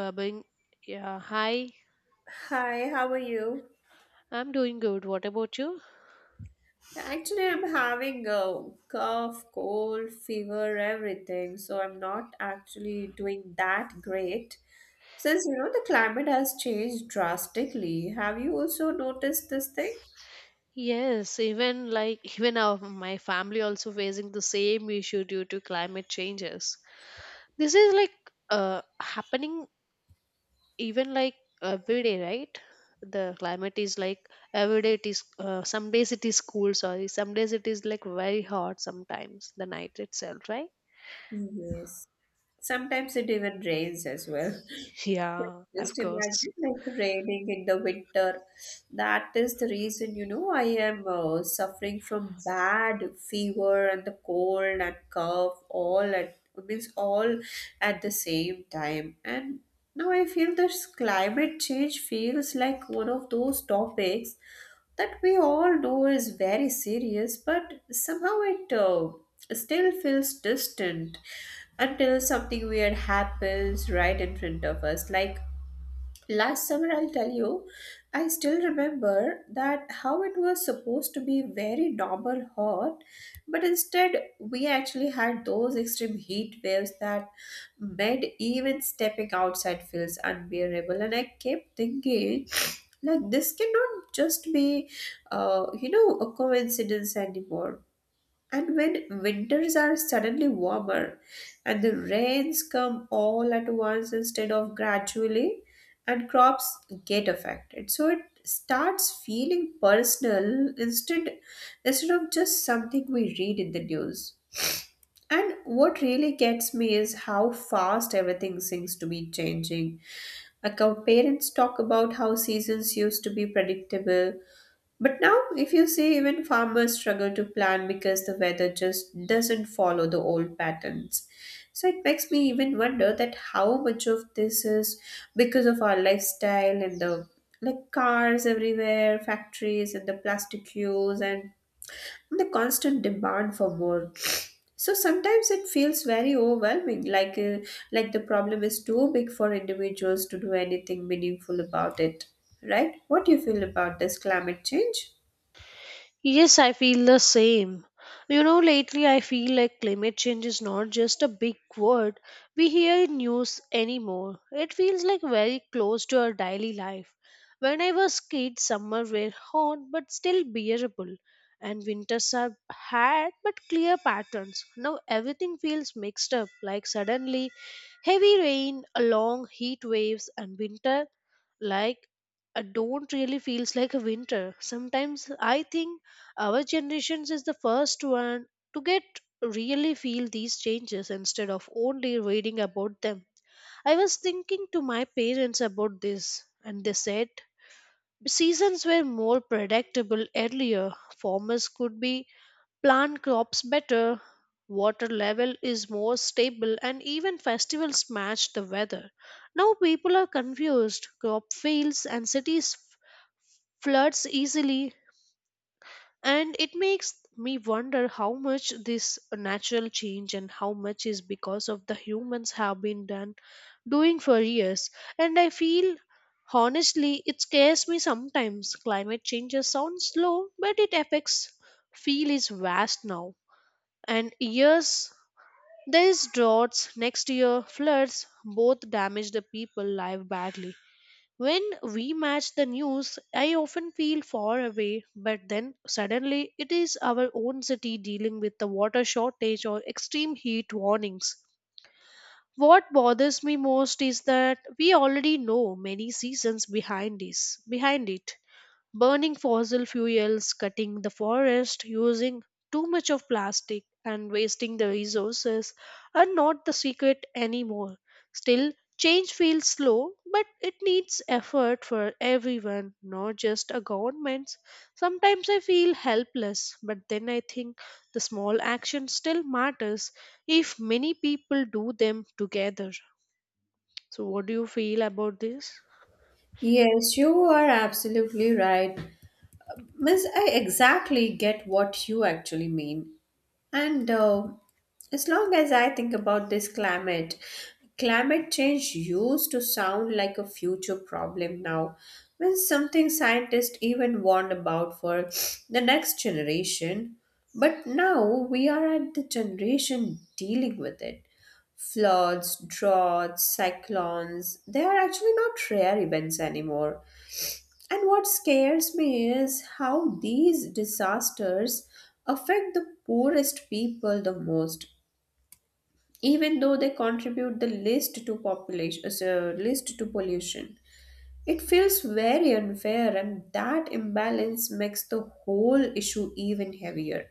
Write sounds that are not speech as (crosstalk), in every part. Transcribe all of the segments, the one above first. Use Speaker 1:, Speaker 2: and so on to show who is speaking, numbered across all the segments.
Speaker 1: Babin. Yeah, hi.
Speaker 2: Hi, how are you?
Speaker 1: I'm doing good. What about you?
Speaker 2: Actually, I'm having a cough, cold, fever, everything. So I'm not actually doing that great. Since you know the climate has changed drastically, have you also noticed this thing?
Speaker 1: Yes, even like even our my family also facing the same issue due to climate changes. This is like uh happening even like every day, right? The climate is like every day it is some days it is cool, sorry, some days it is like very hot sometimes the night itself, right?
Speaker 2: Yes. Sometimes it even rains as well.
Speaker 1: (laughs) Yeah, of
Speaker 2: Just
Speaker 1: course.
Speaker 2: imagine like raining in the winter. That is the reason, you know, I am suffering from bad fever and the cold and cough all at the same time. And now I feel this climate change feels like one of those topics that we all know is very serious, but somehow it still feels distant until something weird happens right in front of us. Like last summer, I'll tell you, I still remember that how it was supposed to be very normal hot, but instead we actually had those extreme heat waves that made even stepping outside feels unbearable. And I kept thinking, like, this cannot just be, you know, a coincidence anymore. And when winters are suddenly warmer and the rains come all at once instead of gradually, and crops get affected. So it starts feeling personal instead of just something we read in the news. And what really gets me is how fast everything seems to be changing. Like our parents talk about how seasons used to be predictable but now, if you see, even farmers struggle to plan because the weather just doesn't follow the old patterns. So it makes me even wonder that how much of this is because of our lifestyle and the like cars everywhere, factories and the plastic use and the constant demand for more. So sometimes it feels very overwhelming, like the problem is too big for individuals to do anything meaningful about it. Right? What do you feel about this climate change?
Speaker 1: Yes, I feel the same. You know, lately I feel like climate change is not just a big word we hear in news anymore. It feels like very close to our daily life. When I was kid, summer were hot but still bearable, and winters are hard but clear patterns. Now everything feels mixed up, like suddenly heavy rain, long heat waves, and winter like I don't really feels like a winter. Sometimes I think our generations is the first one to get really feel these changes instead of only reading about them. I was thinking to my parents about this and they said seasons were more predictable earlier. Farmers could be plant crops better, water level is more stable, and even festivals match the weather. Now people are confused. Crop fails and cities floods easily, and it makes me wonder how much this natural change and how much is because of the humans have been done doing for years. And I feel honestly it scares me sometimes. Climate changes sound slow, but it affects feel is vast now, and years these droughts next year floods both damage the people life badly. When we match the news, I often feel far away, but then suddenly it is our own city dealing with the water shortage or extreme heat warnings. What bothers me most is that we already know many seasons behind it: burning fossil fuels, cutting the forest, using too much of plastic, and wasting the resources are not the secret anymore. Still, change feels slow, but it needs effort for everyone, not just a government. Sometimes I feel helpless, but then I think the small action still matters if many people do them together. So, what do you feel about this?
Speaker 2: Yes, you are absolutely right. Miss, I exactly get what you actually mean. And as long as I think about this climate change used to sound like a future problem now. Means something scientists even warned about for the next generation. But now we are at the generation dealing with it. Floods, droughts, cyclones, they are actually not rare events anymore, and what scares me is how these disasters affect the poorest people the most, even though they contribute the least to population, so, least to pollution. It feels very unfair, and that imbalance makes the whole issue even heavier.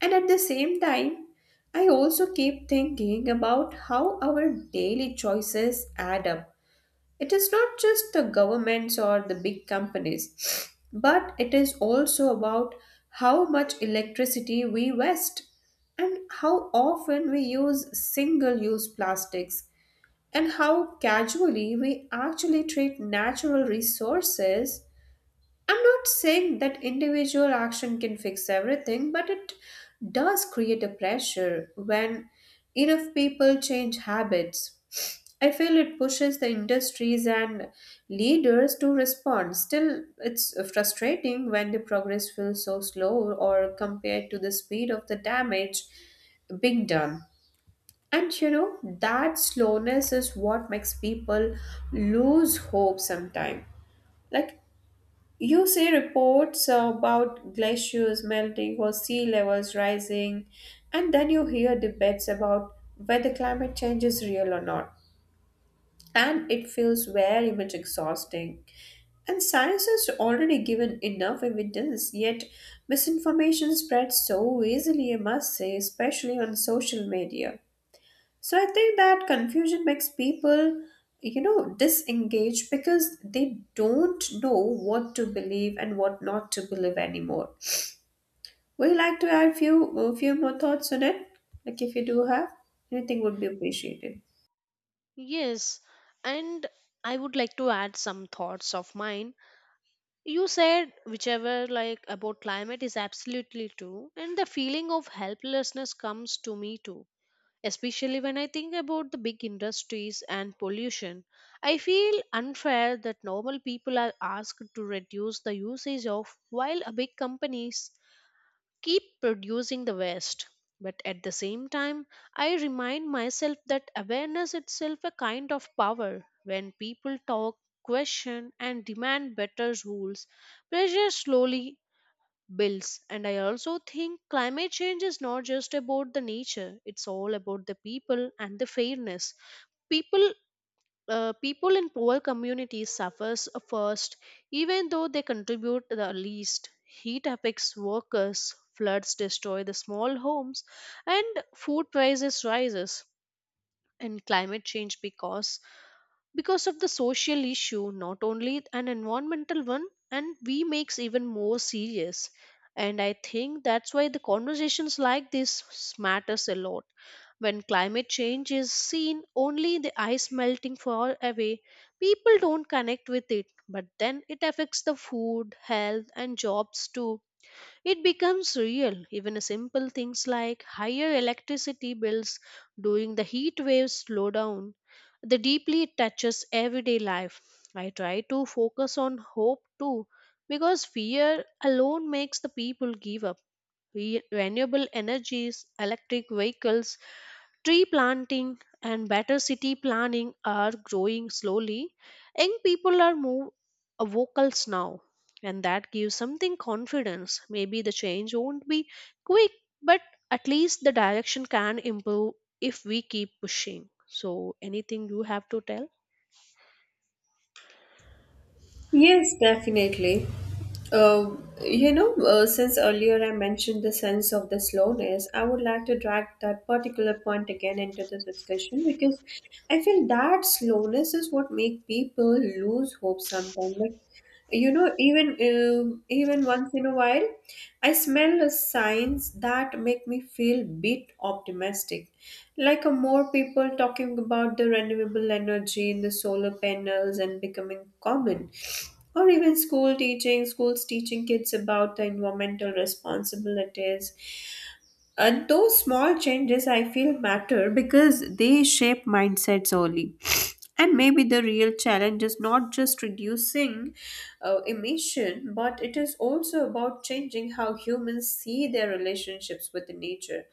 Speaker 2: And at the same time, I also keep thinking about how our daily choices add up. It is not just the governments or the big companies, but it is also about how much electricity we waste and how often we use single use plastics and how casually we actually treat natural resources. I'm not saying that individual action can fix everything, but it does create a pressure when enough people change habits. I feel it pushes the industries and leaders to respond. Still, it's frustrating when the progress feels so slow or compared to the speed of the damage being done. And you know, that slowness is what makes people lose hope sometimes. Like, you see reports about glaciers melting or sea levels rising, and then you hear debates about whether climate change is real or not. And it feels very much exhausting. And science has already given enough evidence, yet misinformation spreads so easily, I must say, especially on social media. So I think that confusion makes people, you know, disengage because they don't know what to believe and what not to believe anymore. Would you like to add few a few more thoughts on it? Like if you do have anything would be appreciated.
Speaker 1: Yes, and I would like to add some thoughts of mine. You said whichever like about climate is absolutely true, and the feeling of helplessness comes to me too. Especially when I think about the big industries and pollution, I feel unfair that normal people are asked to reduce the usage of while a big companies keep producing the waste. But at the same time, I remind myself that awareness itself a kind of power. When people talk, question, and demand better rules, pressure slowly builds. And I also think climate change is not just about the nature; it's all about the people and the fairness. People people in poor communities suffers first, even though they contribute the least heat affects workers floods destroy the small homes and food prices rises, and climate change because of the social issue, not only an environmental one, and we makes even more serious. And I think that's why the conversations like this matters a lot. When climate change is seen only the ice melting far away, people don't connect with it, but then it affects the food health and jobs too, it becomes real. Even simple things like higher electricity bills during the heat waves slowdown, the deeply it touches everyday life. I try to focus on hope too, because fear alone makes the people give up. Renewable energies, electric vehicles, tree planting and better city planning are growing slowly. Young people are more vocal now, and that gives something confidence. Maybe the change won't be quick, but at least the direction can improve if we keep pushing. So, anything you have to tell?
Speaker 2: Yes, definitely. Uh, you know, since earlier I mentioned the sense of the slowness, I would like to drag that particular point again into the discussion because I feel that slowness is what make people lose hope sometimes. Like you know even once in a while I smell the signs that make me feel bit optimistic, like a more people talking about the renewable energy in the solar panels and becoming common, or even schools teaching kids about the environmental responsibilities, and those small changes I feel matter because they shape mindsets early. And maybe the real challenge is not just reducing emission, but it is also about changing how humans see their relationships with nature.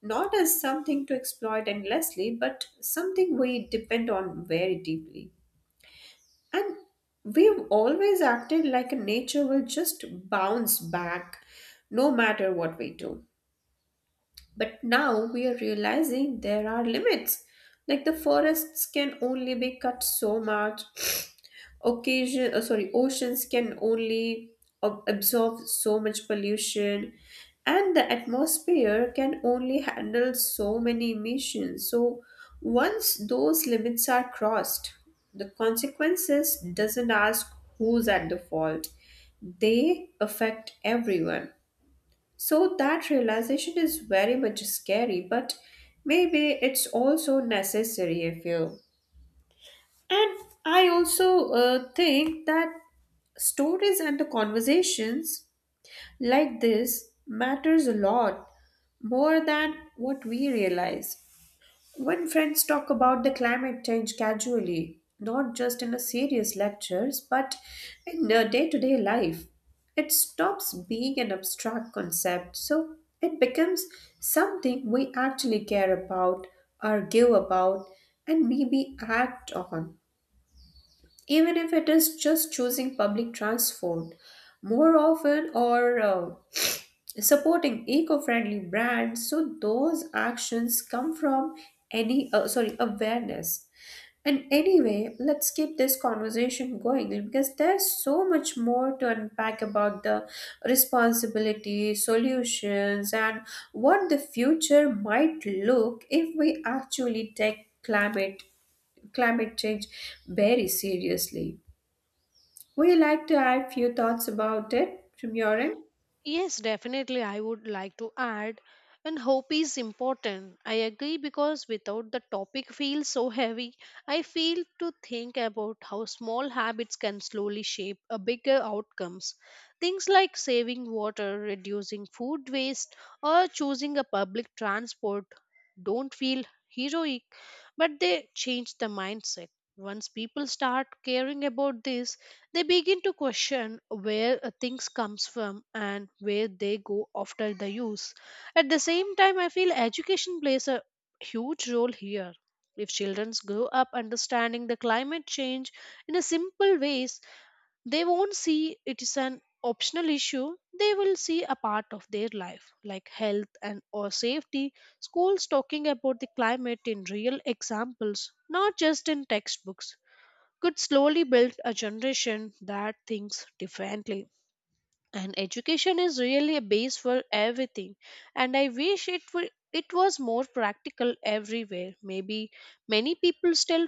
Speaker 2: Not as something to exploit endlessly, but something we depend on very deeply. And we've always acted like nature will just bounce back no matter what we do. But now we are realizing there are limits. Like the forests can only be cut so much. Oceans can only absorb so much pollution, and the atmosphere can only handle so many emissions. So once those limits are crossed, the consequences doesn't ask who's at the fault. They affect everyone. So that realization is very much scary, but maybe it's also necessary if you. And I also think that stories and the conversations like this matters a lot more than what we realize. When friends talk about the climate change casually, not just in a serious lectures, but in their day-to-day life, it stops being an abstract concept. So it becomes something we actually care about, argue about, and maybe act on, even if it is just choosing public transport more often or supporting eco-friendly brands, so those actions come from any sorry awareness. And anyway, let's keep this conversation going because there's so much more to unpack about the responsibility solutions and what the future might look if we actually take climate change very seriously. Would you like to add few thoughts about it from your end?
Speaker 1: Yes, definitely. I would like to add, and hope is important. I agree because without the topic feels so heavy, I feel to think about how small habits can slowly shape a bigger outcomes. Things like saving water, reducing food waste, or choosing a public transport don't feel heroic, but they change the mindset. Once people start caring about this, they begin to question where things comes from and where they go after the use. At the same time, I feel education plays a huge role here. If children grow up understanding the climate change in a simple ways, they won't see it is an optional issue. They will see a part of their life, like health and or safety. Schools talking about the climate in real examples, not just in textbooks could slowly build a generation that thinks differently. And education is really a base for everything. And I wish it was more practical everywhere. Maybe many people still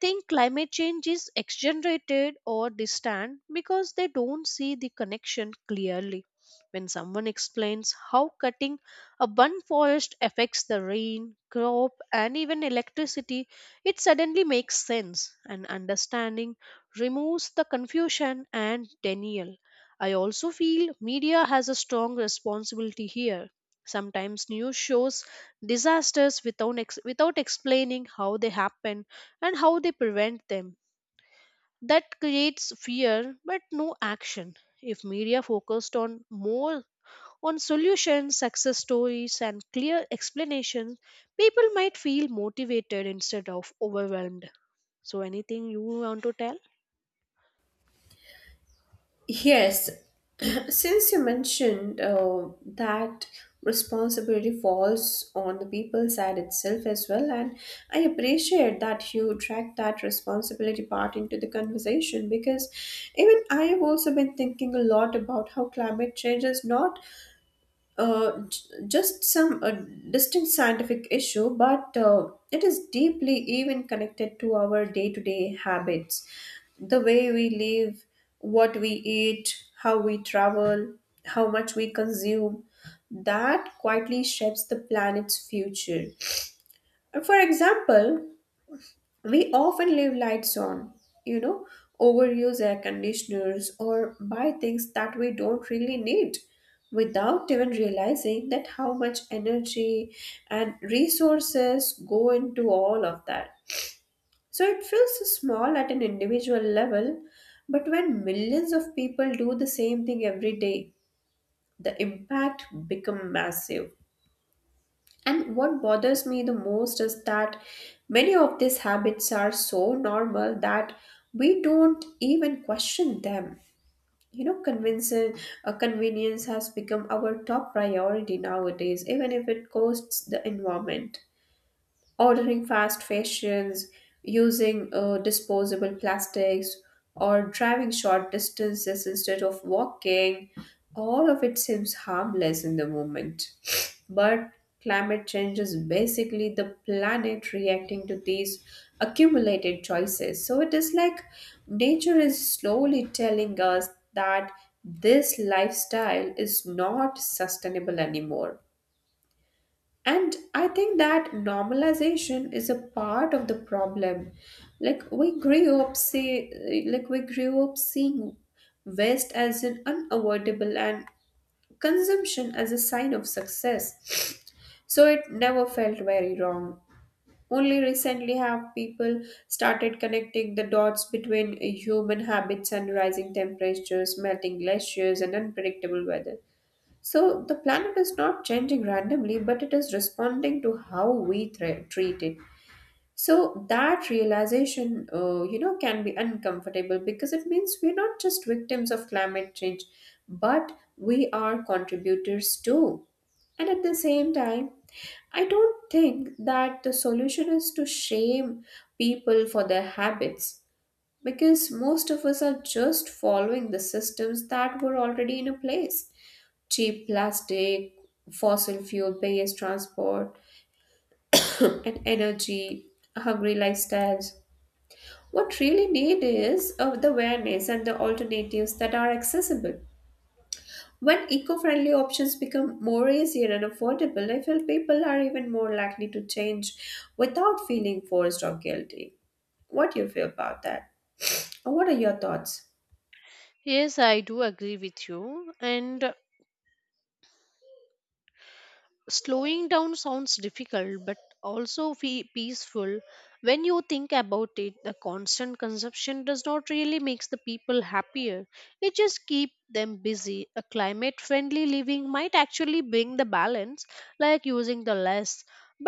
Speaker 1: think climate change is exaggerated or distant because they don't see the connection clearly. When someone explains how cutting a one forest affects the rain, crop, and even electricity, it suddenly makes sense, and understanding removes the confusion and denial. I also feel media has a strong responsibility here. Sometimes news shows disasters without explaining how they happen and how they prevent them. That creates fear but no action. If media focused on more on solutions, success stories, and clear explanations, people might feel motivated instead of overwhelmed. So, anything you want to tell?
Speaker 2: Yes, (clears throat) since you mentioned that responsibility falls on the people side itself as well, and I appreciate that you dragged that responsibility part into the conversation because even I have also been thinking a lot about how climate change is not uh, j- just some distinct scientific issue, but it is deeply even connected to our day to day habits, the way we live, what we eat, how we travel, how much we consume. That quietly shapes the planet's future. For example, we often leave lights on, you know, overuse air conditioners or buy things that we don't really need without even realizing that how much energy and resources go into all of that. So it feels small at an individual level, but when millions of people do the same thing every day, the impact become massive. And what bothers me the most is that many of these habits are so normal that we don't even question them. You know, convenience has become our top priority nowadays, even if it costs the environment, ordering fast fashions, using disposable plastics, or driving short distances instead of walking, all of it seems harmless in the moment. But climate change is basically the planet reacting to these accumulated choices. So it is like nature is slowly telling us that this lifestyle is not sustainable anymore, and I think that normalization is a part of the problem. Like we grew up say like we grew up seeing waste as an unavoidable and consumption as a sign of success. So it never felt very wrong. Only recently have people started connecting the dots between human habits and rising temperatures, melting glaciers and unpredictable weather. So the planet is not changing randomly, but it is responding to how we treat it. So that realization, you know, can be uncomfortable because it means we're not just victims of climate change, but we are contributors too. And at the same time, I don't think that the solution is to shame people for their habits because most of us are just following the systems that were already in a place, cheap plastic, fossil fuel based transport, and energy hungry lifestyles. What really need is the awareness and the alternatives that are accessible. When eco-friendly options become more easier and affordable, I feel people are even more likely to change without feeling forced or guilty. What do you feel about that? Or what are your thoughts?
Speaker 1: Yes, I do agree with you. And slowing down sounds difficult but also fe peaceful. When you think about it, the constant consumption does not really makes the people happier, it just keep them busy. A climate friendly living might actually bring the balance, like using the less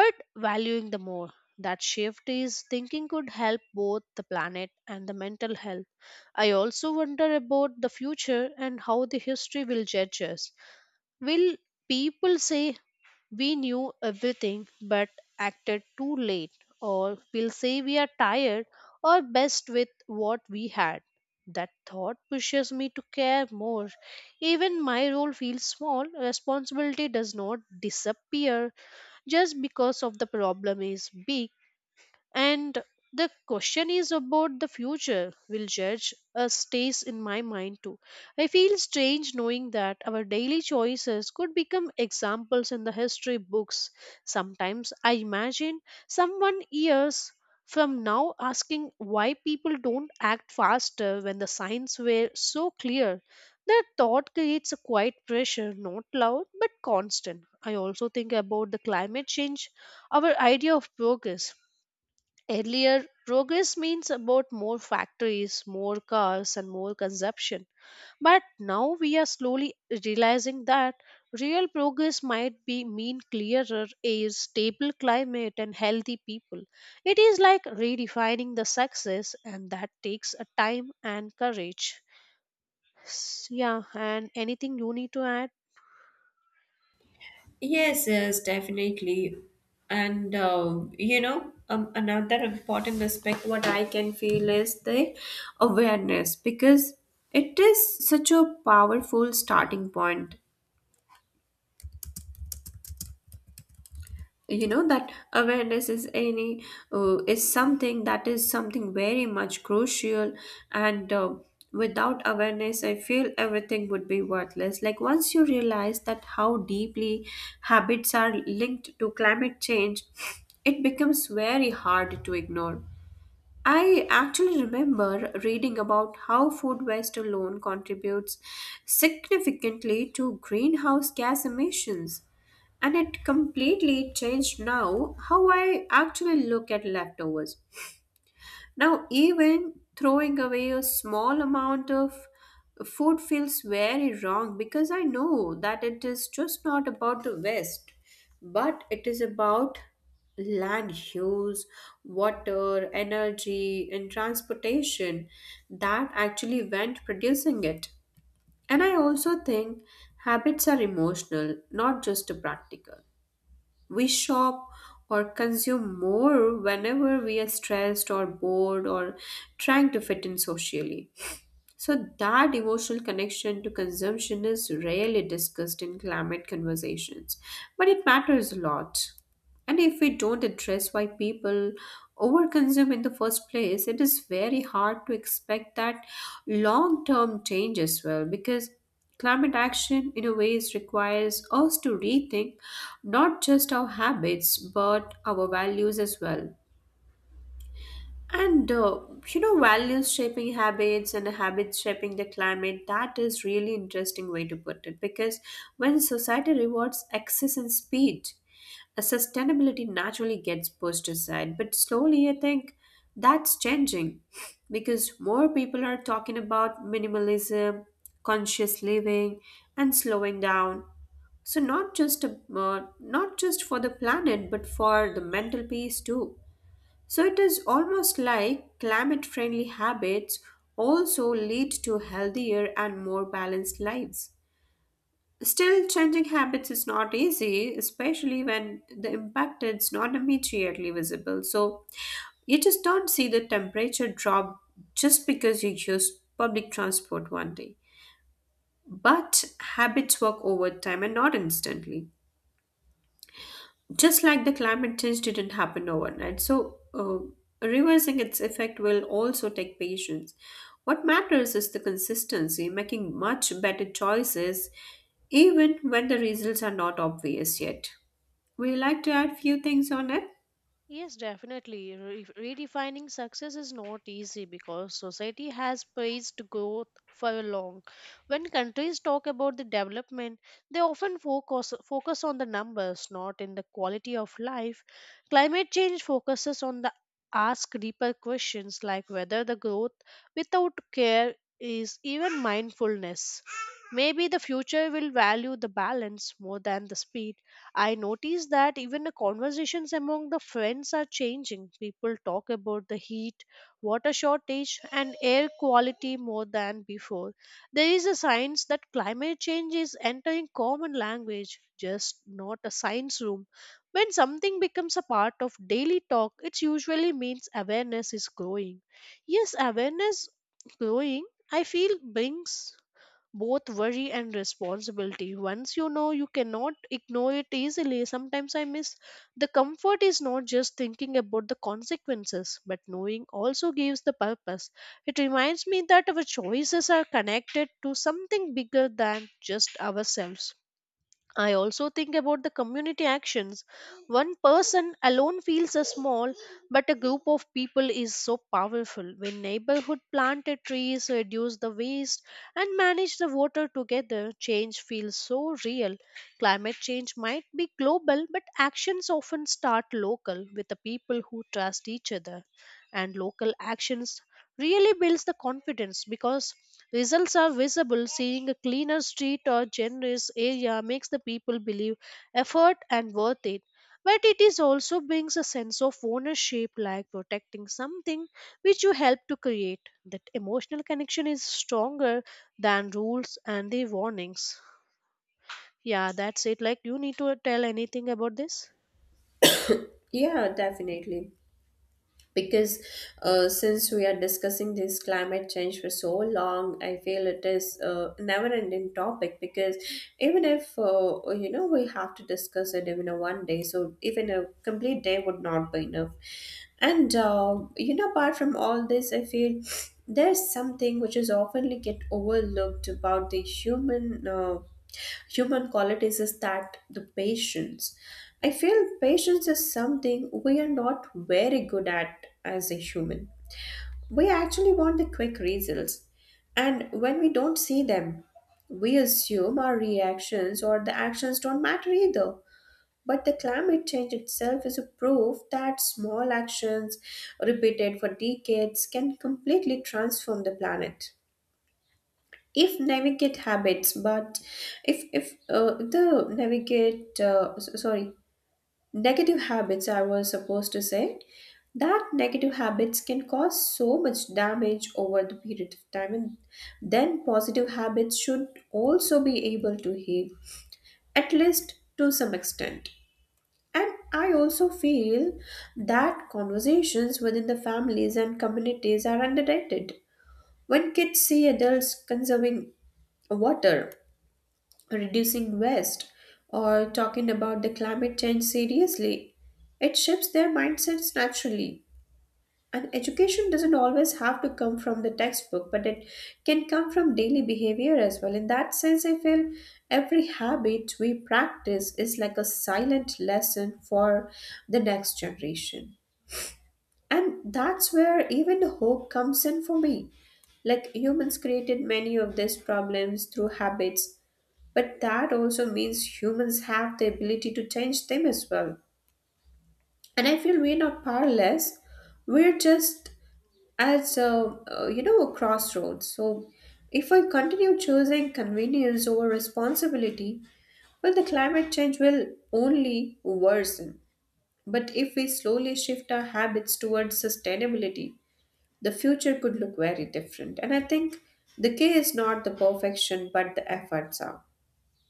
Speaker 1: but valuing the more. That shift is thinking could help both the planet and the mental health. I also wonder about the future and how the history will judge us. Will people say we knew everything but acted too late, or we'll say we are tired or best with what we had. That thought pushes me to care more. Even my role feels small, responsibility does not disappear just because of the problem is big. And the question is about the future will judge us stays in my mind too. I feel strange knowing that our daily choices could become examples in the history books. Sometimes I imagine someone years from now asking why people don't act faster when the signs were so clear. That thought creates a quiet pressure, not loud but constant. I also think about the climate change, our idea of progress earlier, progress means about more factories, more cars, and more consumption. But now we are slowly realizing that real progress might be mean clearer air, stable climate, and healthy people. It is like redefining the success, and that takes a time and courage. Yeah, and anything you need to add?
Speaker 2: Yes, yes, definitely. And you know, another important aspect what I can feel is the awareness because it is such a powerful starting point. You know that awareness is any is something that is something very much crucial. And without awareness, I feel everything would be worthless. Like once you realize that how deeply habits are linked to climate change, it becomes very hard to ignore. I actually remember reading about how food waste alone contributes significantly to greenhouse gas emissions, and it completely changed now how I actually look at leftovers. Now, even throwing away a small amount of food feels very wrong because I know that it is just not about the waste, but it is about land use, water, energy, and transportation that actually went producing it. And I also think habits are emotional, not just practical. We shop or consume more whenever we are stressed or bored or trying to fit in socially. So, that emotional connection to consumption is rarely discussed in climate conversations, but it matters a lot. And if we don't address why people overconsume in the first place, it is very hard to expect that long term change as well because climate action, in a way, requires us to rethink not just our habits but our values as well. And values shaping habits and habits shaping the climate, that is really interesting way to put it because when society rewards excess and speed, sustainability naturally gets pushed aside. But slowly, I think that's changing (laughs) because more people are talking about minimalism, conscious living, and slowing down. So not just not just for the planet, but for the mental peace too. So it is almost like climate friendly habits also lead to healthier and more balanced lives. Still, changing habits is not easy, especially when the impact is not immediately visible. So you just don't see the temperature drop just because you use public transport one day. But habits work over time and not instantly. Just like the climate change didn't happen overnight. So, reversing its effect will also take patience. What matters is the consistency, making much better choices even when the results are not obvious yet. Would you like to add few things on it?
Speaker 1: Yes, definitely. Redefining success is not easy because society has praised growth for long. When countries talk about the development, they often focus on the numbers, not in the quality of life. Climate change focuses on the ask deeper questions like whether the growth without care is even mindfulness. Maybe the future will value the balance more than the speed. I noticed that even the conversations among the friends are changing. People talk about the heat, water shortage, and air quality more than before. There is a science that climate change is entering common language, just not a science room. When something becomes a part of daily talk, it usually means awareness is growing. Yes, awareness growing, I feel, brings both worry and responsibility. Once you know, you cannot ignore it easily. Sometimes I miss the comfort is not just thinking about the consequences, but knowing also gives the purpose. It reminds me that our choices are connected to something bigger than just ourselves. I also think about the community actions. One person alone feels a small, but a group of people is so powerful. When neighborhood planted trees, reduce the waste, and manage the water together, change feels so real. Climate change might be global, but actions often start local with the people who trust each other. And local actions really builds the confidence because results are visible. Seeing a cleaner street or generous area makes the people believe effort and worth it. But it is also brings a sense of ownership, like protecting something which you helped to create. That emotional connection is stronger than rules and the warnings. Yeah, that's it. Like, you need to tell anything about this?
Speaker 2: Yeah, definitely. Because since we are discussing this climate change for so long, I feel it is a never ending topic because even if we have to discuss it even a one day, so even a complete day would not be enough. And apart from all this, I feel there's something which is often get overlooked about the human qualities is that the patience. I feel patience is something we are not very good at as a human. We actually want the quick results. And when we don't see them, we assume our reactions or the actions don't matter either. But the climate change itself is a proof that small actions repeated for decades can completely transform the planet if navigate habits. But if the navigate s- sorry negative habits I was supposed to say, that negative habits can cause so much damage over the period of time, and then positive habits should also be able to heal at least to some extent. And I also feel that conversations within the families and communities are underrated. When kids see adults conserving water, reducing waste, or talking about the climate change seriously, it shifts their mindsets naturally. And education doesn't always have to come from the textbook, but it can come from daily behavior as well. In that sense, I feel every habit we practice is like a silent lesson for the next generation. And that's where even the hope comes in for me. Like humans created many of these problems through habits, but that also means humans have the ability to change them as well. And I feel we're not powerless. We're just at a crossroads. So if I continue choosing convenience over responsibility, well, the climate change will only worsen. But if we slowly shift our habits towards sustainability, the future could look very different. And I think the key is not the perfection, but the efforts are.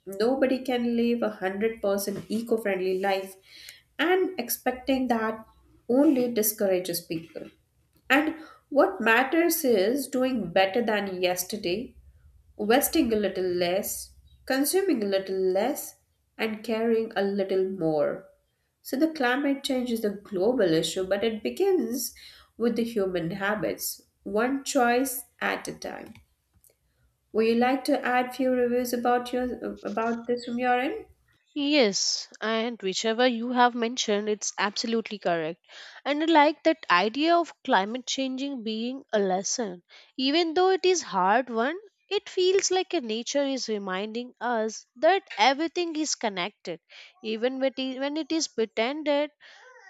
Speaker 2: Nobody can live a 100% eco friendly life, and expecting that only discourages people. And what matters is doing better than yesterday, wasting a little less, consuming a little less, and caring a little more. So, the climate change is a global issue, but it begins with the human habits, one choice at a time. Would you like to add few reviews about your about this from your end?
Speaker 1: Yes, and whichever you have mentioned, it's absolutely correct. And I like that idea of climate changing being a lesson. Even though it is hard one, it feels like a nature is reminding us that everything is connected. Even when it is pretended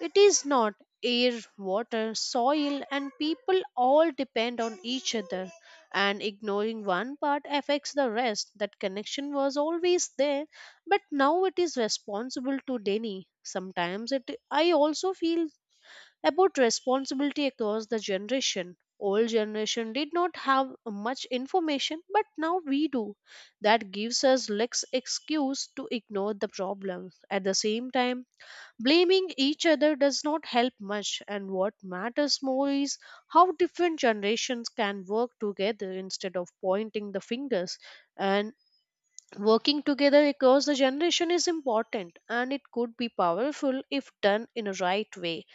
Speaker 1: it is not air, water, soil, and people all depend on each other, and ignoring one part affects the rest. That connection was always there, but now it is responsible to Denny. Sometimes it I also feel about responsibility across the generation. Old generation did not have much information, but now we do. That gives us less excuse to ignore the problem. At the same time, blaming each other does not help much, and what matters more is how different generations can work together instead of pointing the fingers. And working together across the generation is important and it could be powerful if done in a right way.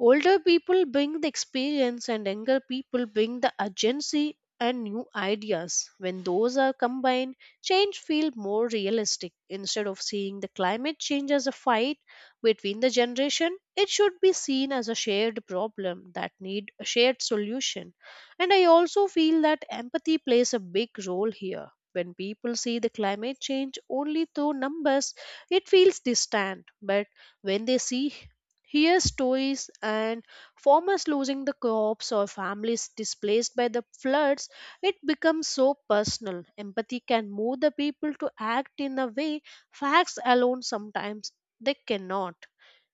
Speaker 1: Older people bring the experience, and younger people bring the urgency and new ideas. When those are combined, change feels more realistic. Instead of seeing the climate change as a fight between the generation, it should be seen as a shared problem that need a shared solution. And I also feel that empathy plays a big role here. When people see the climate change only through numbers, it feels distant. But when they see Hear stories and farmers losing the crops or families displaced by the floods, it becomes so personal. Empathy can move the people to act in a way facts alone sometimes they cannot.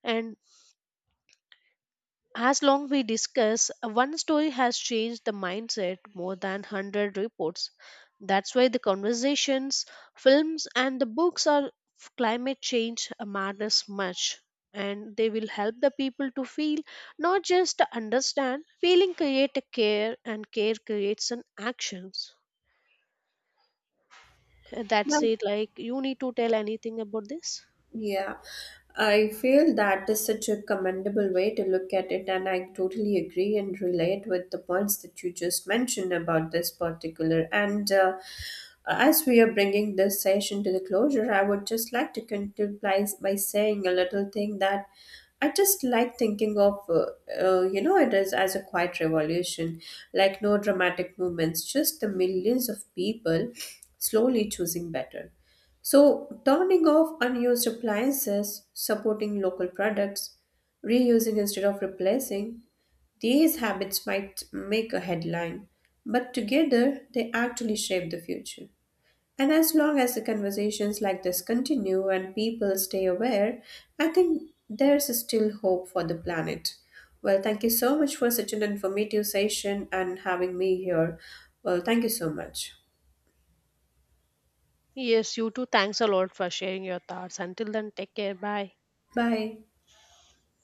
Speaker 1: And as long we discuss, one story has changed the mindset more than 100 reports. That's why the conversations, films, and the books on climate change matters much. And they will help the people to feel, not just to understand. Feeling create a care, and care creates an actions. That's it. Like you need to tell anything about this.
Speaker 2: Yeah, I feel that is such a commendable way to look at it, and I totally agree and relate with the points that you just mentioned about this particular. And as we are bringing this session to the closure, I would just like to conclude by saying a little thing that I just like thinking of. It is as a quiet revolution, like no dramatic movements, just the millions of people slowly choosing better. So, turning off unused appliances, supporting local products, reusing instead of replacing, these habits might make a headline, but together they actually shape the future. And as long as the conversations like this continue and people stay aware, I think there's still hope for the planet. Well, thank you so much for such an informative session and having me here. Well, thank you so much.
Speaker 1: Yes, you too. Thanks a lot for sharing your thoughts. Until then, take care. Bye.
Speaker 2: Bye.